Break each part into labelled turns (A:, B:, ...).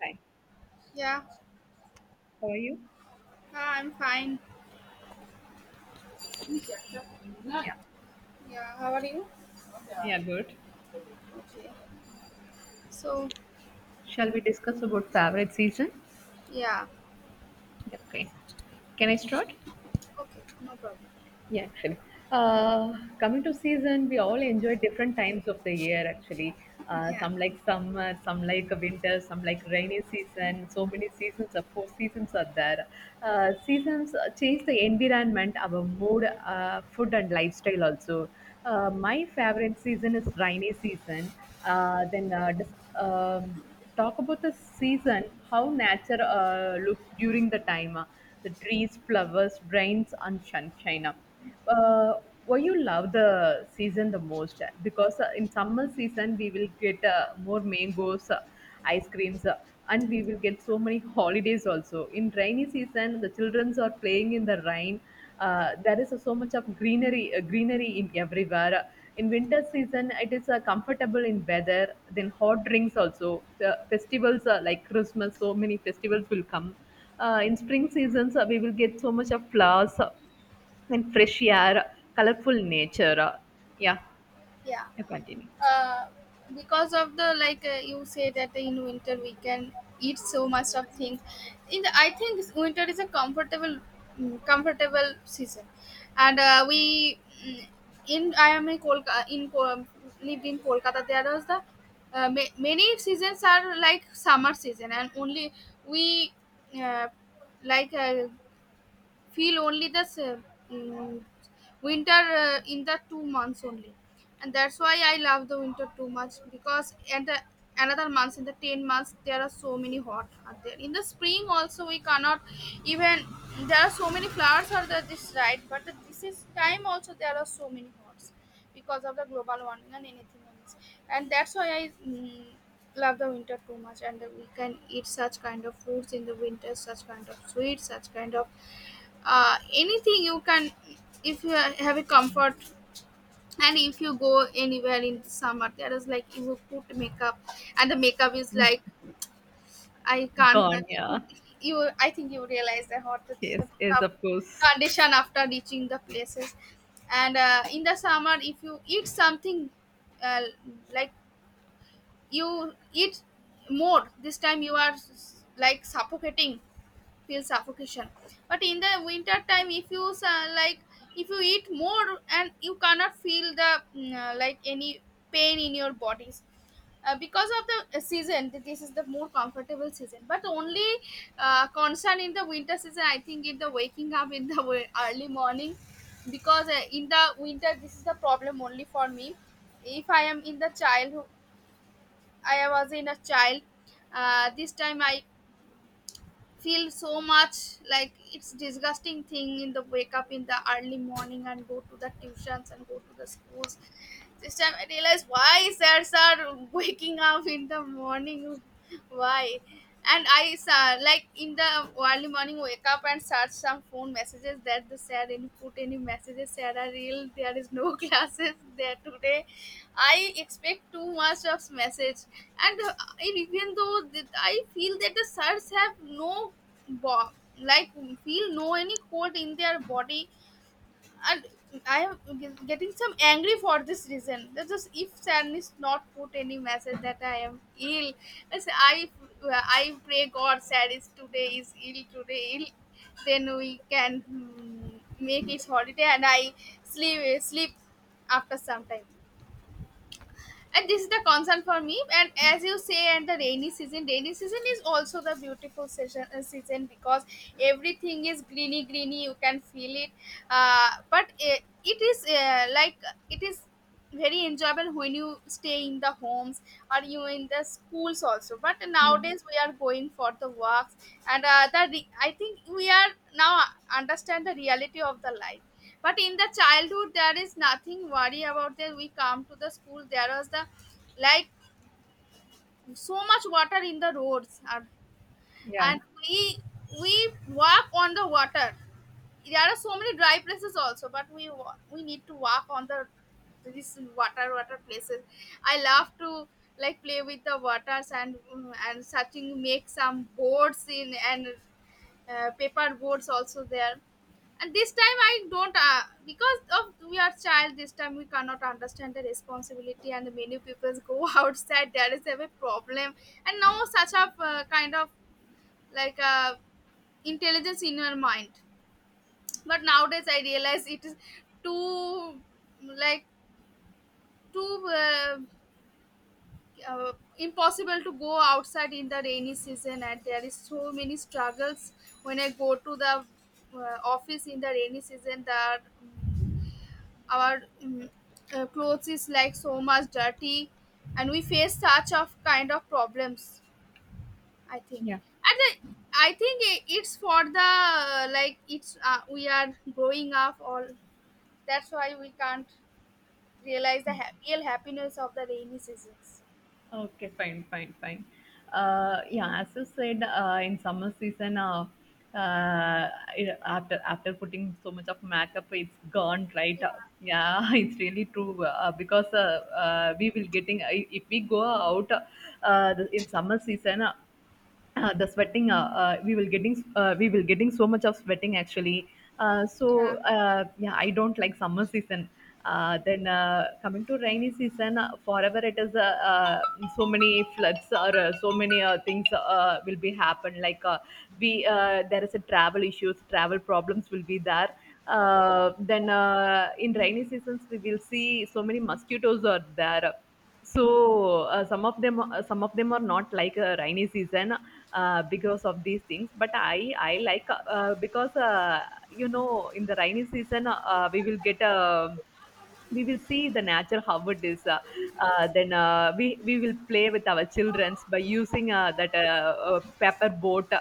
A: Hi,
B: Yeah,
A: how are you?
B: I'm fine.
A: Yeah,
B: Yeah, how are you? Okay.
A: yeah, good.
B: So,
A: Shall we discuss about favorite season?
B: yeah.
A: Okay. Can I start?
B: Okay, no problem.
A: Yeah, actually. Uh, Coming to season, we all enjoy different times of the year, actually.
B: Yeah.
A: Some like summer, some like winter, some like rainy season. So many seasons, four seasons are there. Seasons change the environment, our mood, food, and lifestyle also. My favorite season is rainy season. Uh, then uh, dis- um, Talk about the season, how nature looks during the time, the trees, flowers, rains, and sunshine. Uh, why you love the season the most? Because in summer season we will get more mangoes, ice creams, and we will get so many holidays also. In rainy season, the childrens are playing in the rain. There is so much of greenery, greenery in everywhere. In winter season, it is comfortable in weather. Then hot drinks also. The festivals are like Christmas. So many festivals will come in spring seasons, we will get so much of flowers and fresh air, colorful nature. Yeah,
B: Yeah.
A: you continue.
B: uh, because of the you say that in winter we can eat so much of things I think this winter is a comfortable comfortable season and we mm, in I am in Kolkata. Lived in Kolkata. There was the many seasons are like summer season, and only we uh, like uh, feel only the mm, winter in the 2 months only, and that's why I love the winter too much. Because and the another months, in the 10 months there are so many hot out there. In the spring also we cannot even, there are so many flowers are there this right, but this is time also there are so many hots because of the global warming and anything else. And that's why I love the winter too much, and we can eat such kind of fruits in the winter, such kind of sweets, such kind of anything you can, if you have a comfort. And if you go anywhere in the summer, there is like you put makeup, and the makeup is like, I can't.
A: Gone,
B: you
A: yeah.
B: you I think you realize the hot is the
A: Yes, yes,
B: tough
A: of course.
B: condition after reaching the places. And in the summer if you eat something, uh, like you eat more, this time you are like suffocating, feel suffocation. But in the winter time if you like if you eat more, and you cannot feel the like any pain in your bodies, because of the season. This is the more comfortable season, but only concern in the winter season I think in the waking up in the early morning. Because in the winter this is the problem only for me. If I am in the child, I was in a child, this time I feel so much, like it's disgusting thing in the wake up in the early morning and go to the tuitions and go to the schools. This time I realized why sirs are waking up in the morning. Why? And I saw like in the early morning wake up and search some phone messages that the sir any put any messages, sir are real there is no classes there today. I expect too much of message. And uh, and even though that I feel that the sirs have no bo- like feel no any cold in their body. And I am getting some angry for this reason. That's just if Sam is not put any message that I am ill. I pray God Sam is today is ill, today ill. Then we can make it holiday and I sleep, after some time. And this is the concern for me. And as you say, and the rainy season, is also the beautiful season, season, because everything is greeny, you can feel it. But it is like it is very enjoyable when you stay in the homes or you in the schools also, but
A: Yeah.
B: nowadays we are going for the works. And I think we are now understand the reality of the life. But in the childhood there is nothing worry about that, we come to the school, there was the like so much water in the roads,
A: Yeah,
B: and we walk on the water. There are so many dry places also, but we need to walk on the this water, places. I love to like play with the waters, and and searching make some boards in, and paper boards also there. And this time I don't because of we are child, this time we cannot understand the responsibility, and many people go outside, there is a big problem. And now such a kind of like uh, intelligence in your mind. But nowadays I realize it is too, like too, uh, impossible to go outside in the rainy season, and there is so many struggles when I go to the office in the rainy season. Our clothes is like so much dirty, and we face such of kind of problems, I think.
A: yeah.
B: and the, I think it's for the like it's we are growing up all, that's why we can't realize the real happiness of the rainy seasons.
A: Okay, fine, fine, fine. Yeah, as you said, in summer season, uh, after putting so much of makeup, it's gone, right? Yeah, it's really true because we will getting if we go out in summer season, the sweating we will getting so much of sweating actually.
B: Yeah.
A: Yeah, I don't like summer season. Then Coming to rainy season, forever it is, so many floods or so many things will be happen like, we there is a travel issues, travel problems will be there. Then In rainy seasons we will see so many mosquitoes are there, so some of them are not like a rainy season because of these things, but I like, because you know in the rainy season, we will see the nature how it is. Then We will play with our childrens by using that paper boat.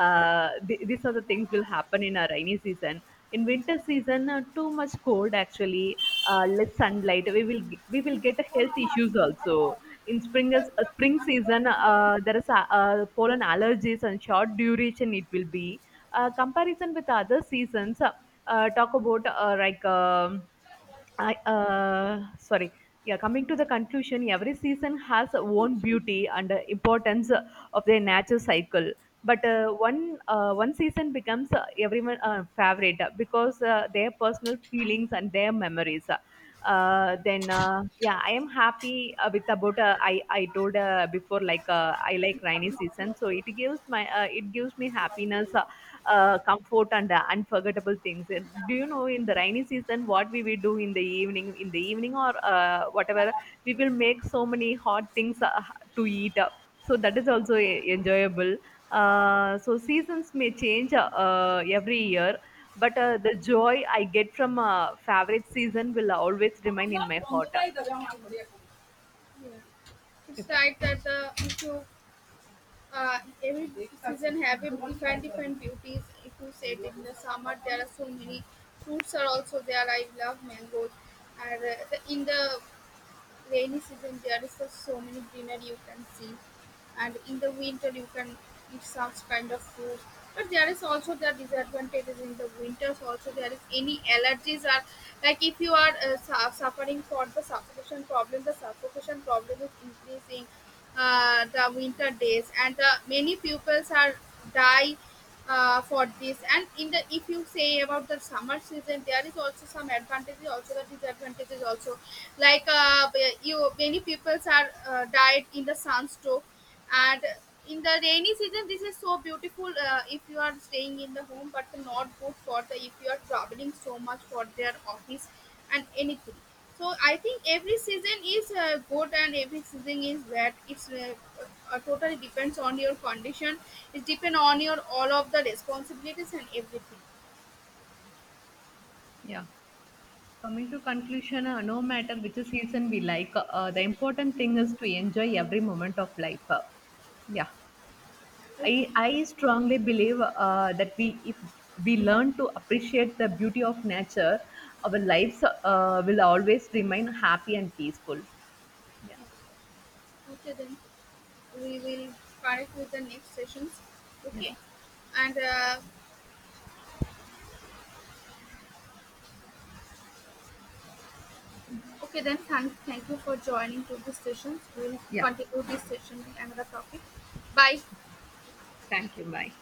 A: These are the things will happen in a rainy season. In winter season, too much cold actually, less sunlight, we will get health issues also. In spring season, pollen allergies and short duration it will be comparison with other seasons. Talk about like I sorry. Yeah, coming to the conclusion, every season has own beauty and importance of their natural cycle. But one season becomes everyone favorite because their personal feelings and their memories. Then Yeah, I am happy with about I told before, like, I like rainy season, so it gives me happiness, comfort, and unforgettable things. And do you know in the rainy season what we will do in the evening? In the evening or whatever, we will make so many hot things to eat. So that is also enjoyable. So seasons may change, every year, but the joy I get from a favorite season will always remain in my heart. Yeah. You
B: It's
A: can.
B: right that the issue, every season have a different, different beauties. If you say it in the summer, there are so many fruits are also there. I love mangoes, and in the rainy season there is just so many greenery you can see, and in the winter you can eat some kind of food, but there is also the disadvantages in the winters. Also there is any allergies are like, if you are suffering for the suffocation problem, the suffocation problem is increasing the winter days, and the many pupils are die for this. And in the, if you say about the summer season, there is also some advantages, also the disadvantages also, like uh, you, many peoples are died in the sunstroke. And in the rainy season this is so beautiful, if you are staying in the home, but not good for the, if you are traveling so much for their office and anything. So I think every season is good and every season is bad. It's Totally depends on your condition. It depends on your all of the responsibilities and everything.
A: Yeah. Coming to conclusion, no matter which season we like, the important thing is to enjoy every moment of life. Yeah, I
B: Okay,
A: I strongly believe that we if we learn to appreciate the beauty of nature, our lives will always remain happy and peaceful. Yeah,
B: okay, then we will connect with the next sessions.
A: yeah,
B: Okay, and okay, then thank you for joining to this sessions. We'll
A: yeah.
B: continue this session with another topic. Bye.
A: Thank you. Bye.